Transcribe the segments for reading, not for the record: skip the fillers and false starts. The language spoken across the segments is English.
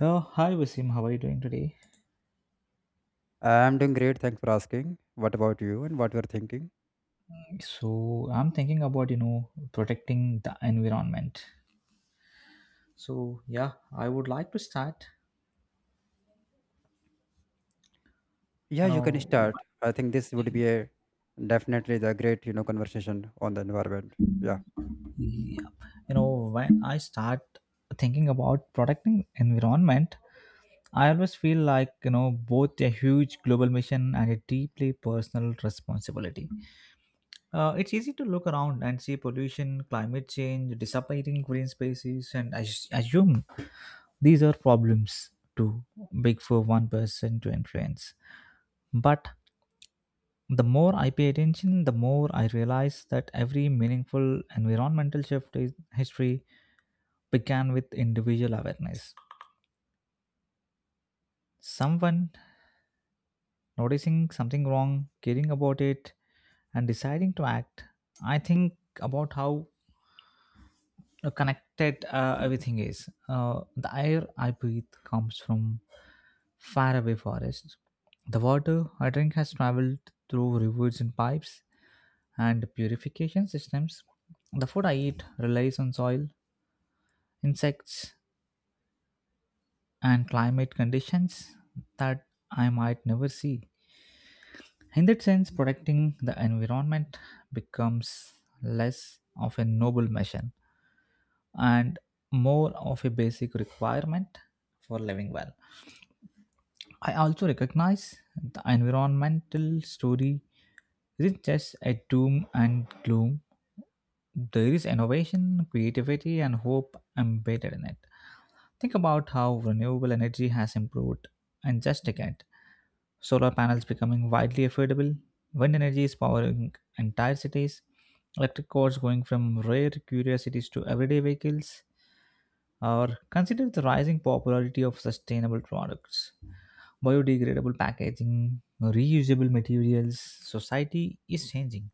Oh, hi Wasim, how are you doing today? I'm doing great. Thanks for asking. What about you and what you're thinking? So, I'm thinking about, protecting the environment. So, yeah, I would like to start, Yeah, you can yep. start. I think this would be a definitely the great, conversation on the environment. Yeah, you when I start thinking about protecting environment, I always feel like both a huge global mission and a deeply personal responsibility. It's easy to look around and see pollution, climate change, disappearing green spaces, and assume these are problems too big for one person to influence. But the more I pay attention, the more I realize that every meaningful environmental shift in history began with individual awareness. Someone noticing something wrong, caring about it, and deciding to act. I think about how connected everything is. The air I breathe comes from faraway forests. The water I drink has traveled through rivers and pipes and purification systems. The food I eat relies on soil, insects, and climate conditions that I might never see. In that sense, protecting the environment becomes less of a noble mission and more of a basic requirement for living well. I also recognize the environmental story isn't just a doom and gloom. There is innovation, creativity, and hope embedded in it. Think about how renewable energy has improved in just a decade. Solar panels becoming widely affordable, wind energy is powering entire cities, electric cars going from rare curiosities to everyday vehicles, or consider the rising popularity of sustainable products, biodegradable packaging, reusable materials. Society is changing,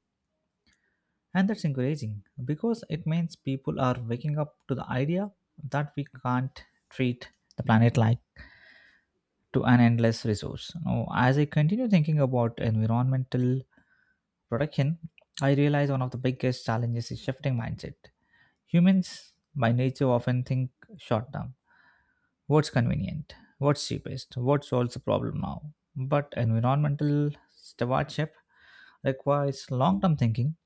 and that's encouraging because it means people are waking up to the idea that we can't treat the planet like to an endless resource. Now, as I continue thinking about environmental protection, I realize one of the biggest challenges is shifting mindset. Humans, by nature, often think short term. What's convenient? What's cheapest? What solves the problem now? But environmental stewardship requires long term thinking.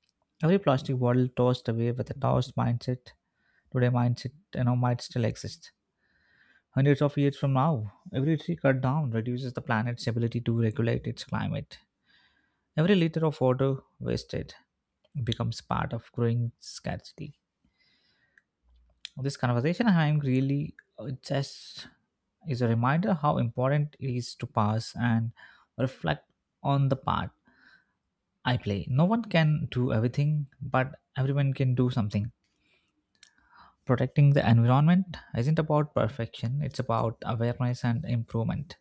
Every plastic bottle tossed away with a tossed mindset, today mindset, might still exist. Hundreds of years from now, every tree cut down reduces the planet's ability to regulate its climate. Every liter of water wasted becomes part of growing scarcity. This conversation I'm really just is a reminder how important it is to pause and reflect on the part I play. No one can do everything, but everyone can do something. Protecting the environment isn't about perfection, it's about awareness and improvement,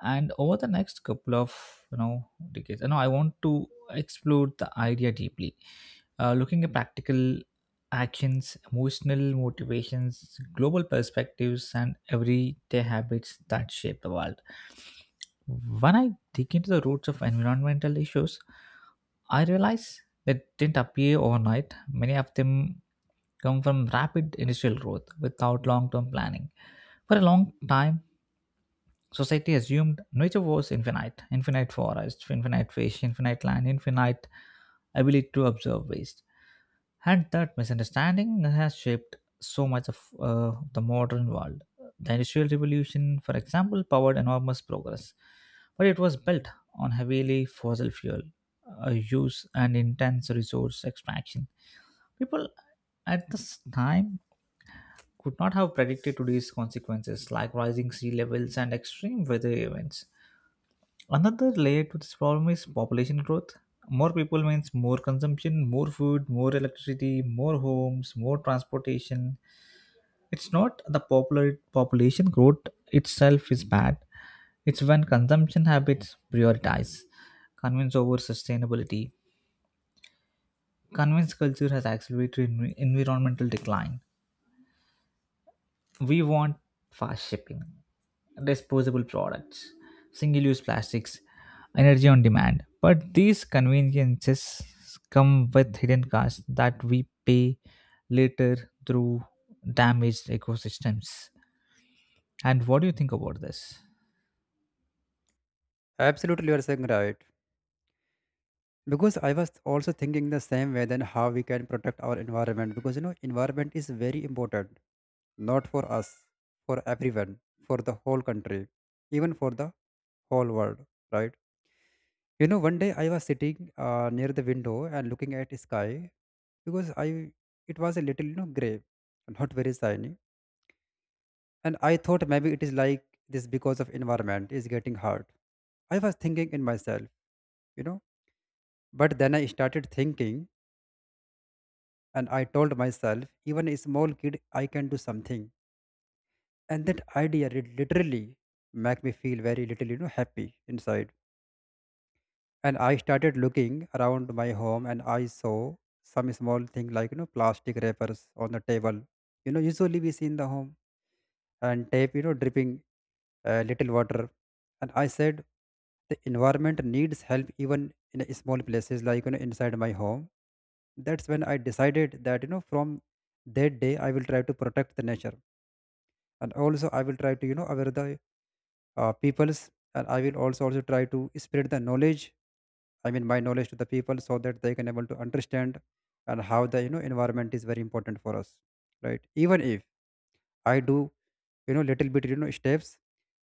and over the next couple of decades I want to explore the idea deeply, looking at practical actions, emotional motivations, global perspectives, and everyday habits that shape the world. When I dig into the roots of environmental issues, I realize that didn't appear overnight. Many of them come from rapid industrial growth without long-term planning. For a long time, society assumed nature was infinite, infinite forest, infinite fish, infinite land, infinite ability to observe waste. And that misunderstanding has shaped so much of the modern world. The Industrial Revolution, for example, powered enormous progress, but it was built on heavily fossil fuel use and intense resource extraction. People at this time could not have predicted today's consequences, like rising sea levels and extreme weather events. Another layer to this problem is population growth. More people means more consumption, more food, more electricity, more homes, more transportation. It's not the popular population growth itself is bad. It's when consumption habits prioritize convenience over sustainability. Convenience culture has accelerated environmental decline. We want fast shipping, disposable products, single use plastics, energy on demand. But these conveniences come with hidden costs that we pay later through damaged ecosystems. And what do you think about this? absolutely. You're saying right. Because I was also thinking the same way then how we can protect our environment because you know environment is very important, not for us, for everyone, for the whole country, even for the whole world, right? You know, one day I was sitting near the window and looking at the sky, because I it was a little, you know, gray, not very shiny, and I thought maybe it is like this because of environment is getting hard. I was thinking in myself, you know, but then I started thinking and I told myself, even a small kid, I can do something, and that idea did literally make me feel very little, you know, happy inside. And I started looking around my home and I saw some small thing like, you know, plastic wrappers on the table, you know, usually we see in the home, and tape, you know, dripping little water. And I said the environment needs help even in a small places like, you know, inside my home. That's when I decided that, you know, from that day I will try to protect the nature, and also I will try to, you know, aware the peoples, and I will also try to spread the knowledge. I mean, my knowledge to the people, so that they can able to understand, and how the, you know, environment is very important for us, right? Even if I do, you know, little bit, you know, steps,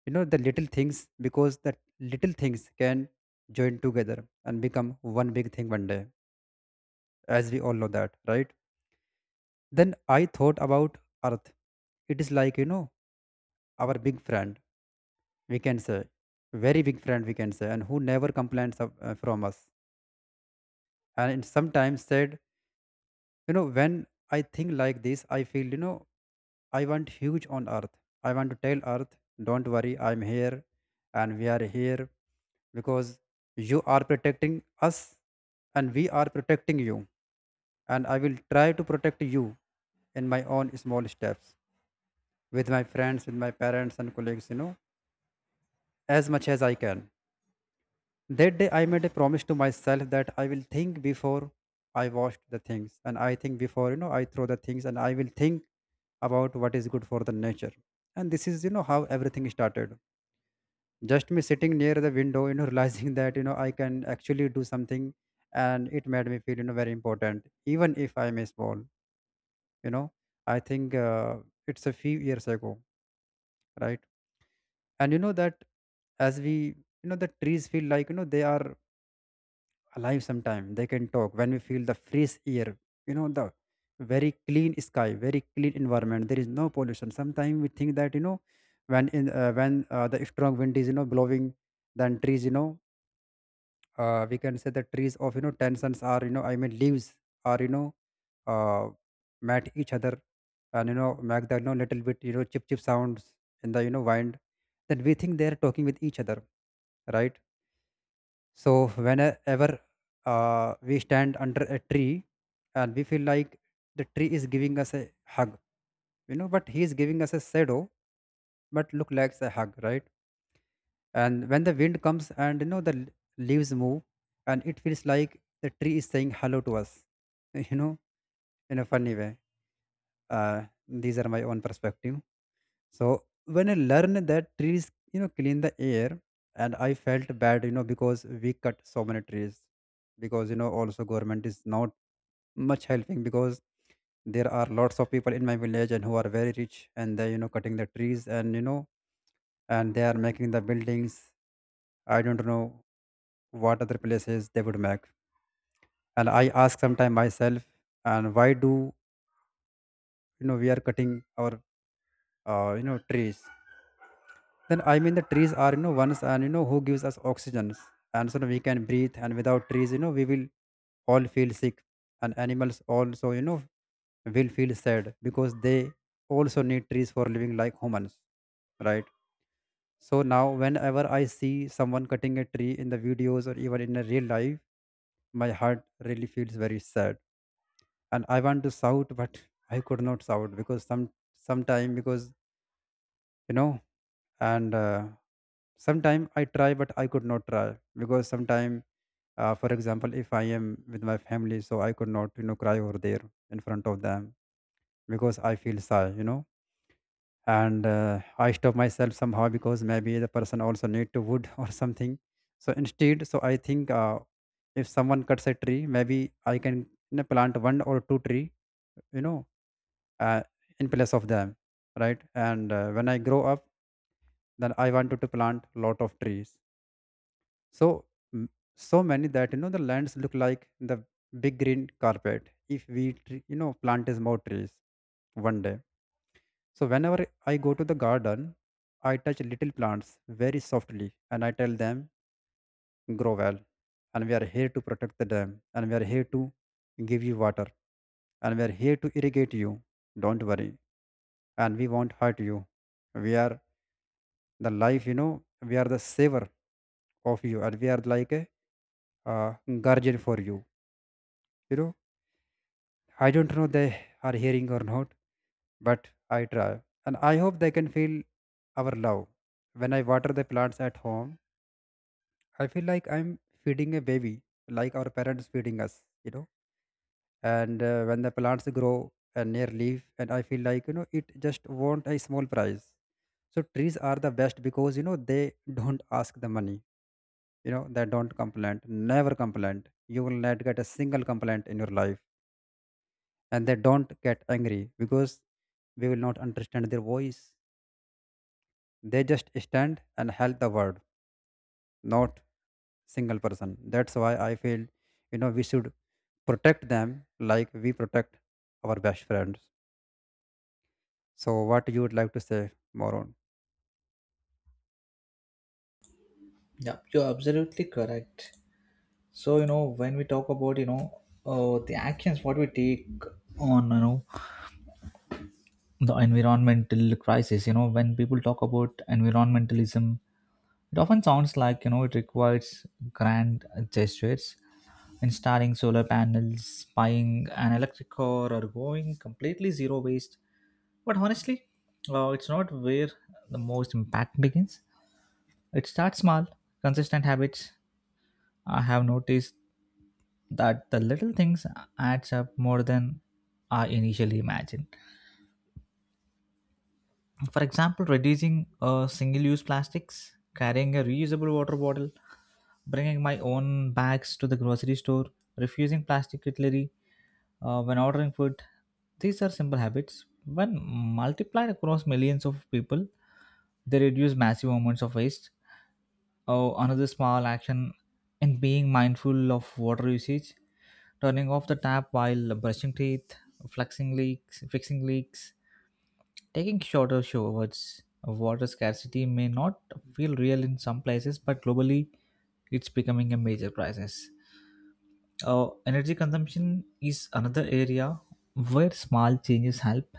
you know, the little things, because the little things can join together and become one big thing one day, as we all know that, right? Then I thought about Earth. It is like, you know, our big friend, we can say, very big friend, we can say, and who never complains of, from us, and it sometimes said, you know. When I think like this, I feel, you know, I want huge on Earth. I want to tell Earth, don't worry, I'm here, and we are here, because you are protecting us, and we are protecting you, and I will try to protect you in my own small steps, with my friends, with my parents and colleagues, you know, as much as I can. That day I made a promise to myself that I will think before I washed the things, and I think before, you know, I throw the things, and I will think about what is good for the nature. And this is, you know, how everything started, just me sitting near the window, you know, realizing that, you know, I can actually do something. And it made me feel, you know, very important, even if I'm a small, you know. I think it's a few years ago, right? And you know that, as we, you know, the trees feel like, you know, they are alive sometime, they can talk, when we feel the fresh air, you know, the very clean sky, very clean environment, there is no pollution. Sometimes we think that, you know, when in when the strong wind is, you know, blowing, then trees, you know, we can say the trees of, you know, tensions are, you know, I mean leaves are, you know, uh, met each other, and, you know, make the, you know, little bit, you know, chip chip sounds in the, you know, wind, then we think they are talking with each other, right? So whenever we stand under a tree and we feel like the tree is giving us a hug, you know, but he is giving us a shadow, but look like a hug, right? And when the wind comes and, you know, leaves move, and it feels like the tree is saying hello to us, you know, in a funny way. These are my own perspective. So when I learned that trees, you know, clean the air, and I felt bad, you know, because we cut so many trees, because, you know, also government is not much helping, because there are lots of people in my village and who are very rich, and they, you know, cutting the trees, and, you know, and they are making the buildings. I don't know what other places they would make, and I ask sometime myself, and why do, you know, we are cutting our you know trees, then I mean the trees are, you know, ones, and you know who gives us oxygen, and so we can breathe, and without trees, you know, we will all feel sick, and animals also, you know, will feel sad, because they also need trees for living like humans, right? So now whenever I see someone cutting a tree in the videos or even in a real life, my heart really feels very sad, and I want to shout, but I could not shout because sometime, because, you know, and sometime I try but I could not try because sometime, for example, if I am with my family, so I could not, you know, cry over there in front of them, because I feel shy, you know. And I stop myself somehow, because maybe the person also need to wood or something. So instead, so I think, if someone cuts a tree, maybe I can, you know, plant one or two tree, you know, uh, in place of them, right? And when I grow up, then I wanted to plant lot of trees. So, m- so many that, you know, the lands look like the big green carpet, if we you know, plant as more trees one day. So whenever I go to the garden, I touch little plants very softly and I tell them grow well, and we are here to protect the dam, and we are here to give you water, and we are here to irrigate you. Don't worry, and we won't hurt you. We are the life, you know. We are the saver of you, and we are like a uh, guardian for you. You know, I don't know they are hearing or not, but I try. And I hope they can feel our love. When I water the plants at home, I feel like I'm feeding a baby, like our parents feeding us, you know. And when the plants grow and near leaf, and I feel like, you know, it just want a small price. So trees are the best because, you know, they don't ask the money. You know, they don't complain, never complain. You will not get a single complaint in your life, and they don't get angry, because we will not understand their voice. They just stand and help the world, not single person. That's why I feel, you know, we should protect them like we protect our best friends. So, what you would like to say more on? Yeah, you're absolutely correct. So, when we talk about, the actions what we take on, the environmental crisis, when people talk about environmentalism, it often sounds like it requires grand gestures, installing solar panels, buying an electric car, or going completely zero waste. But honestly, it's not where the most impact begins. It starts small, consistent habits. I have noticed that the little things adds up more than I initially imagined. For example, reducing single use plastics, carrying a reusable water bottle, bringing my own bags to the grocery store, refusing plastic cutlery when ordering food. These are simple habits. When multiplied across millions of people, they reduce massive amounts of waste. Oh, another small action in being mindful of water usage, turning off the tap while brushing teeth, flexing leaks, fixing leaks, taking shorter showers of water scarcity may not feel real in some places, but globally it's becoming a major crisis. Energy consumption is another area where small changes help.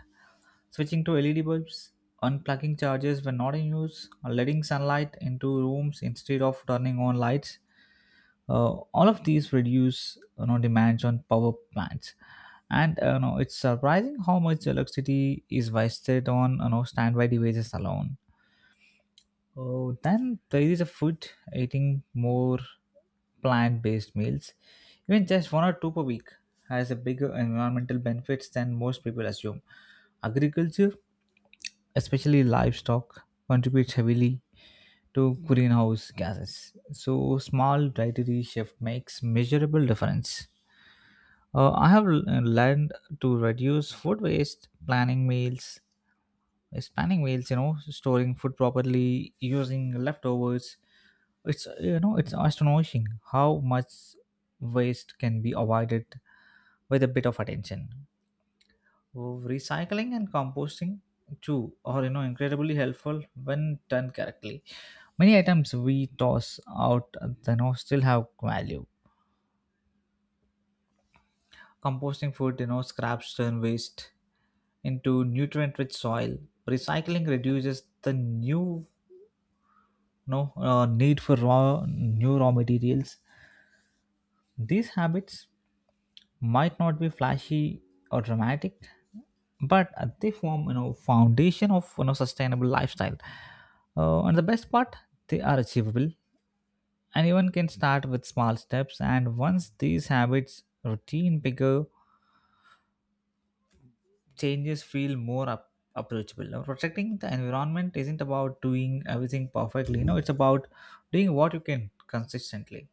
Switching to LED bulbs, unplugging chargers when not in use, or letting sunlight into rooms instead of turning on lights. All of these reduce demands on power plants, and it's surprising how much electricity is wasted on standby devices alone. Oh, then there is a food eating more plant-based meals, even just one or two per week, has a bigger environmental benefits than most people assume. Agriculture, especially livestock, contributes heavily to greenhouse gases. So, small dietary shift makes measurable difference. I have learned to reduce food waste, planning meals, like spanning meals, storing food properly, using leftovers. It's it's astonishing how much waste can be avoided with a bit of attention. Recycling and composting too are incredibly helpful when done correctly. Many items we toss out still have value. Composting food scraps turn waste into nutrient rich soil. Recycling reduces the new no need for raw new raw materials. These habits might not be flashy or dramatic, but they form foundation of sustainable lifestyle. And the best part, they are achievable. Anyone can start with small steps, and once these habits routine, bigger changes feel more approachable. Now, protecting the environment isn't about doing everything perfectly. No, it's about doing what you can consistently.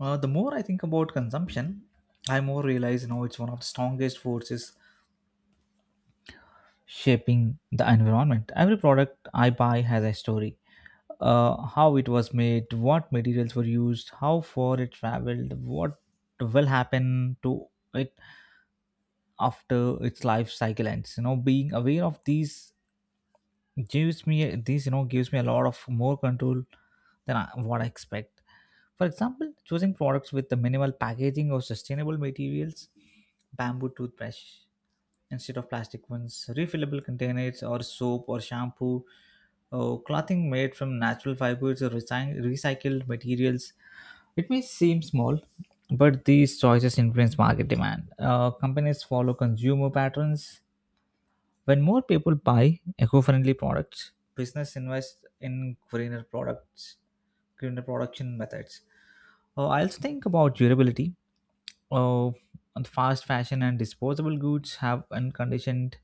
The more I think about consumption, I more realize it's one of the strongest forces shaping the environment. Every product I buy has a story. How it was made, what materials were used, how far it traveled, what will happen to it after its life cycle ends. You know, being aware of these gives me these you know gives me a lot of more control than I expect. For example, choosing products with the minimal packaging or sustainable materials, bamboo toothbrush instead of plastic ones, refillable containers or soap or shampoo, or clothing made from natural fibers or recycled materials. It may seem small, but these choices influence market demand. Companies follow consumer patterns. When more people buy eco-friendly products, business invest in greener production methods. I also think about durability. Uh, and fast fashion and disposable goods have unconditioned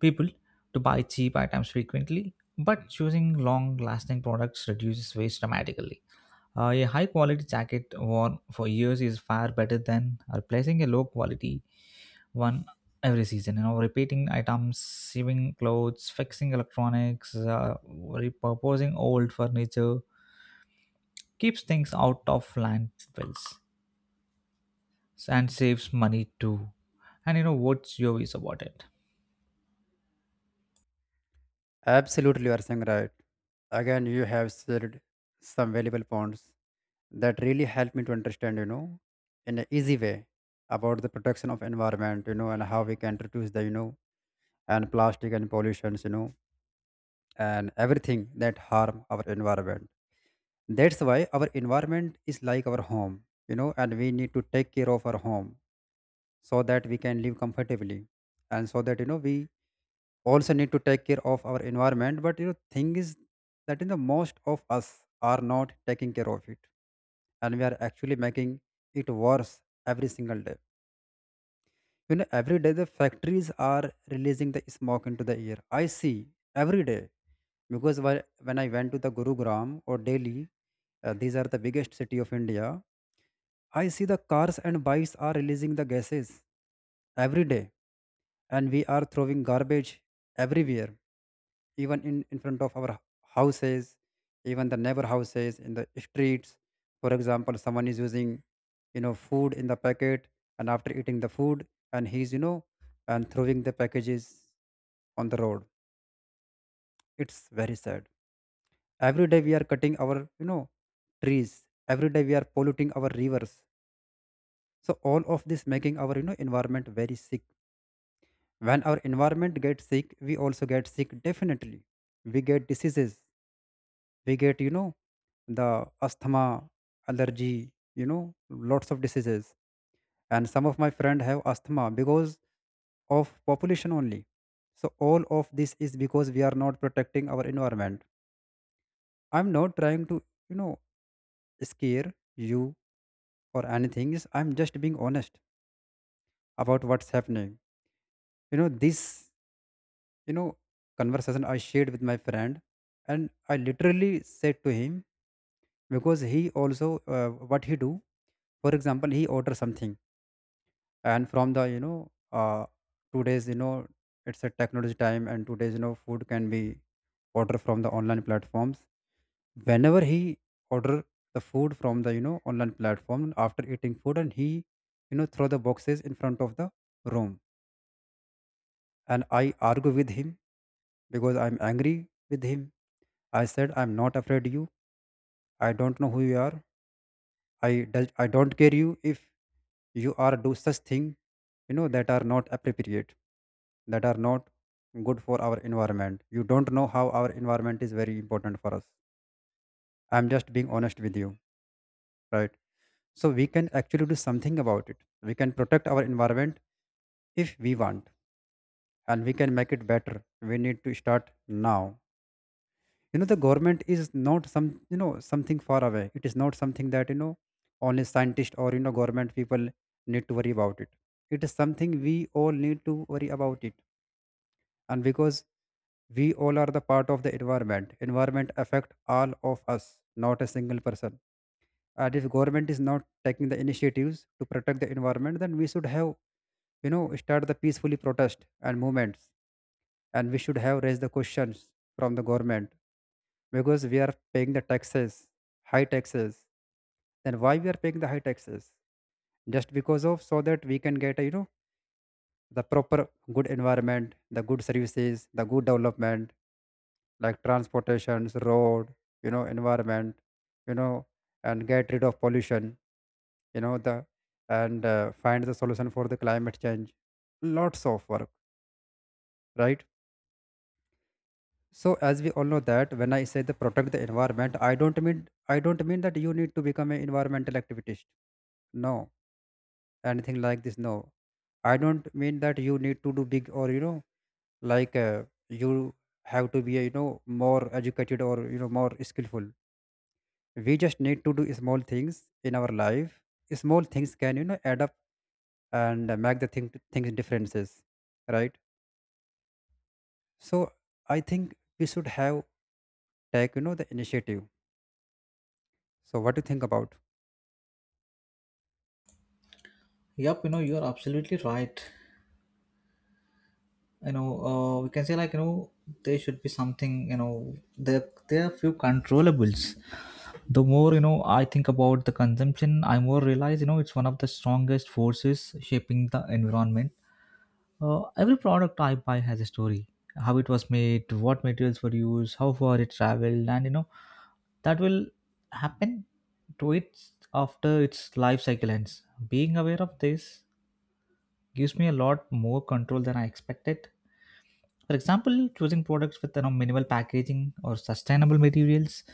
people to buy cheap items frequently, but choosing long lasting products reduces waste dramatically. A high quality jacket worn for years is far better than replacing a low quality one every season. You know, repeating items, sewing clothes, fixing electronics, repurposing old furniture keeps things out of landfills and saves money too. And you know what's your views about it? Absolutely, you are saying right. Again, you have said some valuable points that really help me to understand, you know, in an easy way about the protection of environment, you know, and how we can reduce the, you know, and plastic and pollutions, you know, and everything that harm our environment. That's why our environment is like our home, you know, and we need to take care of our home so that we can live comfortably, and so that, you know, we also need to take care of our environment. But you know thing is that, you know, most of us are not taking care of it, and we are actually making it worse every single day. You know, every day the factories are releasing the smoke into the air, I see every day. Because when I went to the Gurugram or Delhi, these are the biggest city of India. I see the cars and bikes are releasing the gases every day, and we are throwing garbage everywhere, even in front of our houses, even the neighbor houses in the streets. For example, someone is using, you know, food in the packet, and after eating the food, and he's, you know, and throwing the packages on the road. It's very sad. Every day we are cutting our trees. Every day we are polluting our rivers, so all of this making our environment very sick. When our environment gets sick, we also get sick definitely. We get diseases. We get the asthma, allergy, lots of diseases. And some of my friend have asthma because of population only. So all of this is because we are not protecting our environment. I'm not trying to you know scare you or anything is I'm just being honest about what's happening. You know this you know conversation I shared with my friend, and I literally said to him, because he also, what he do. For example, he order something, and from the uh, 2 days, it's a technology time, and 2 days, food can be order from the online platforms. Whenever he order the food from the online platform, after eating food, and he throw the boxes in front of the room. And I argue with him because I'm angry with him. I said, I'm not afraid you. I don't know who you are. I don't care you if you are do such thing, that are not appropriate, that are not good for our environment. You don't know how our environment is very important for us. I'm just being honest with you, right? So we can actually do something about it. We can protect our environment if we want, and we can make it better. We need to start now. The government is not something far away. It is not something that only scientists or government people need to worry about it. It is something we all need to worry about it. And because we all are the part of the environment, environment affect all of us, not a single person. And if government is not taking the initiatives to protect the environment, then we should have start the peacefully protest and movements, and we should have raised the questions from the government, because we are paying the taxes, high taxes. Then why we are paying the high taxes? Just because of so that we can get the proper good environment, the good services, the good development like transportations, road, you know environment, you know, and get rid of pollution, you know the and find the solution for the climate change. Lots of work, right? So as we all know that when I say the protect the environment, I don't mean that you need to become an environmental activist. No, anything like this. No, I don't mean that you need to do big or like uh, you have to be more educated or more skillful. We just need to do small things in our life. Small things can add up and make the things differences, right? So I think we should have take the initiative. So what do you think about? Yep, you're absolutely right. We can say like there should be something you know there are few controllables. The more I think about the consumption, I more realize it's one of the strongest forces shaping the environment. Every product I buy has a story. How it was made, what materials were used, how far it traveled, and that will happen to it after its life cycle ends. Being aware of this gives me a lot more control than I expected. For example, choosing products with minimal packaging or sustainable materials,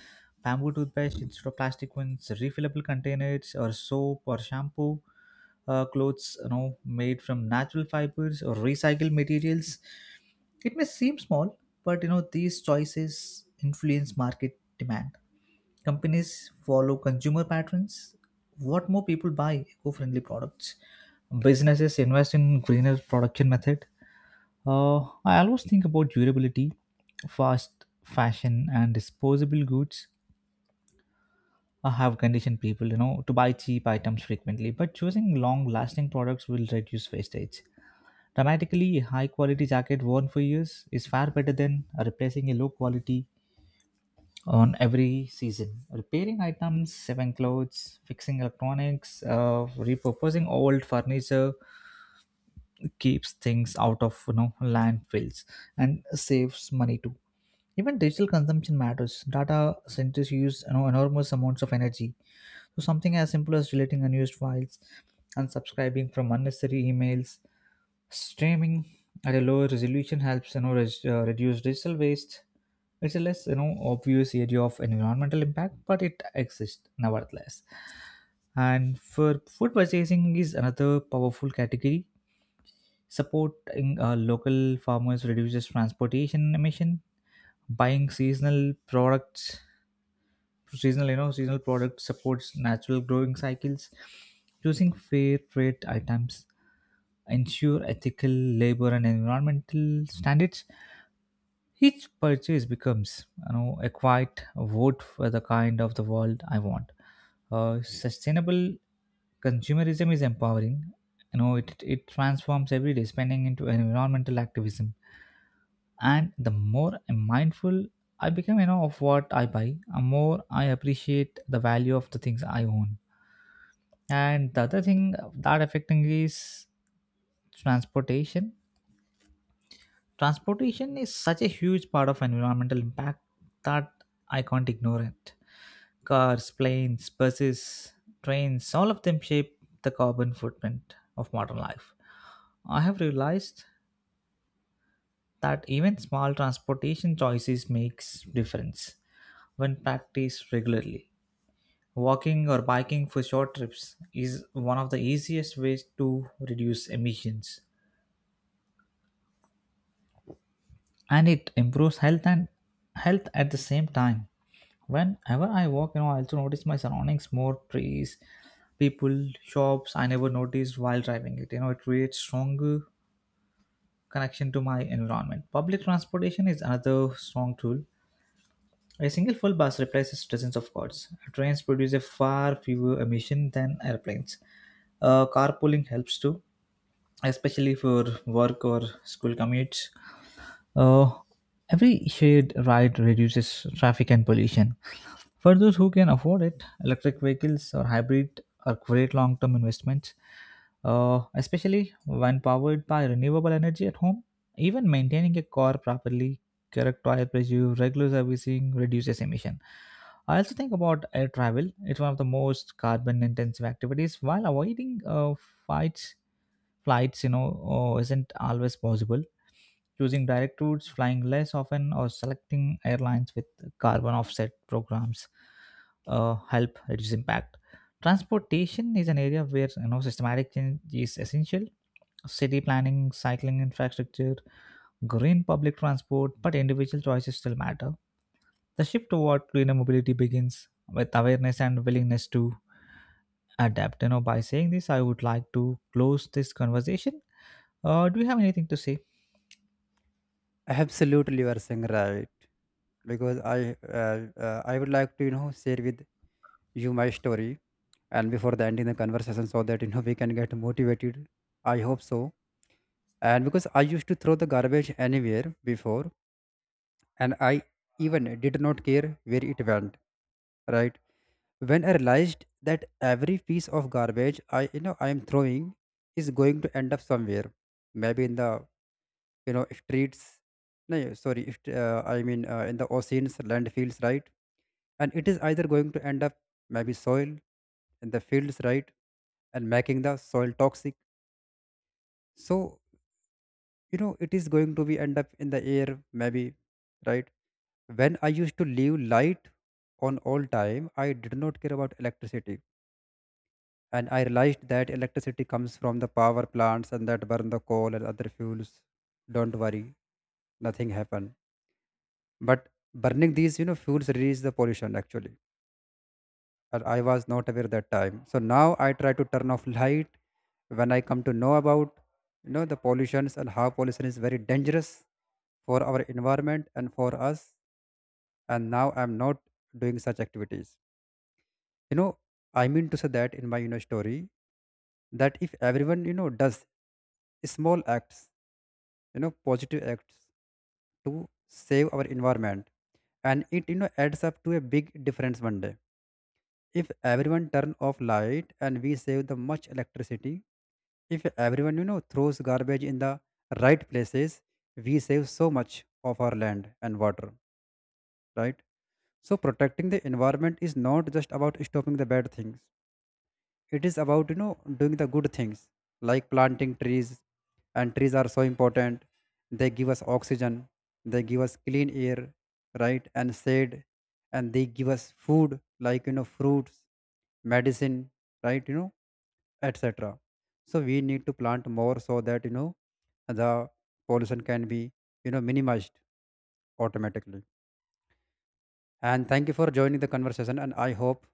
bamboo toothpaste instead of plastic ones, refillable containers or soap or shampoo, clothes made from natural fibers or recycled materials. It may seem small, but these choices influence market demand. Companies follow consumer patterns. What more people buy eco-friendly products. Businesses invest in greener production method. I always think about durability, fast fashion, and disposable goods. Have conditioned people, you know, to buy cheap items frequently, but choosing long-lasting products will reduce wastage. Dramatically, a high-quality jacket worn for years is far better than replacing a low-quality on every season. Repairing items, saving clothes, fixing electronics, repurposing old furniture keeps things out of landfills and saves money too. Even digital consumption matters. Data centers use enormous amounts of energy, so something as simple as deleting unused files, unsubscribing from unnecessary emails, streaming at a lower resolution helps reduce digital waste. It's a less obvious area of environmental impact, but it exists nevertheless. And for food purchasing is another powerful category. Supporting local farmers reduces transportation emission. Buying seasonal products seasonal you know seasonal product supports natural growing cycles. Choosing fair trade items ensure ethical labor and environmental standards. Each purchase becomes a quiet vote for the kind of the world I want. Sustainable consumerism is empowering. It transforms everyday spending into environmental activism. And the more I'm mindful I become, of what I buy, the more I appreciate the value of the things I own. And the other thing that affecting is transportation. Transportation is such a huge part of environmental impact that I can't ignore it. Cars, planes, buses, trains, all of them shape the carbon footprint of modern life. I have realized that even small transportation choices makes difference when practiced regularly. Walking or biking for short trips is one of the easiest ways to reduce emissions, and it improves health at the same time. Whenever I walk, I also notice my surroundings more trees, people, shops I never noticed while driving it. It creates stronger connection to my environment. Public transportation is another strong tool. A single full bus replaces dozens of cars. Trains produce a far fewer emission than airplanes. Carpooling helps too, especially for work or school commutes. Uh, every shared ride reduces traffic and pollution. For those who can afford it, electric vehicles or hybrid are great long term investments, especially when powered by renewable energy at home. Even maintaining a car properly, correct tire pressure, regular servicing reduces emission. I also think about air travel. It's one of the most carbon intensive activities. While avoiding flights, flights, isn't always possible, using direct routes, flying less often, or selecting airlines with carbon offset programs help reduce impact. Transportation is an area where systematic change is essential. City planning, cycling infrastructure, green public transport, but individual choices still matter. The shift toward greener mobility begins with awareness and willingness to adapt. You know, by saying this, I would like to close this conversation. Do you have anything to say? Absolutely, you are saying right, because I I would like to share with you my story and before the ending the conversation, so that we can get motivated, I hope so. And because I used to throw the garbage anywhere before, and I even did not care where it went, right? When I realized that every piece of garbage I you know I am throwing is going to end up somewhere, maybe in the streets. No, yeah, sorry if in the oceans, landfills, right? And it is either going to end up maybe soil in the fields, right? And making the soil toxic. So it is going to be end up in the air maybe, right? When I used to leave light on all time, I did not care about electricity. And I realized that electricity comes from the power plants and that burn the coal and other fuels. Don't worry, nothing happened. But burning these fuels release the pollution actually, and I was not aware that time. So now I try to turn off light when I come to know about the pollutions and how pollution is very dangerous for our environment and for us. And now I'm not doing such activities. You know, I mean to say that in my story that if everyone does small acts, positive acts to save our environment, and it adds up to a big difference one day. If everyone turn off light and we save the much electricity. If everyone, you know, throws garbage in the right places, we save so much of our land and water, right? So protecting the environment is not just about stopping the bad things. It is about, you know, doing the good things like planting trees. And trees are so important. They give us oxygen, they give us clean air, right? And shade. And they give us food like, you know, fruits, medicine, right? You know, etc. So we need to plant more so that the pollution can be minimized automatically. And thank you for joining the conversation. And I hope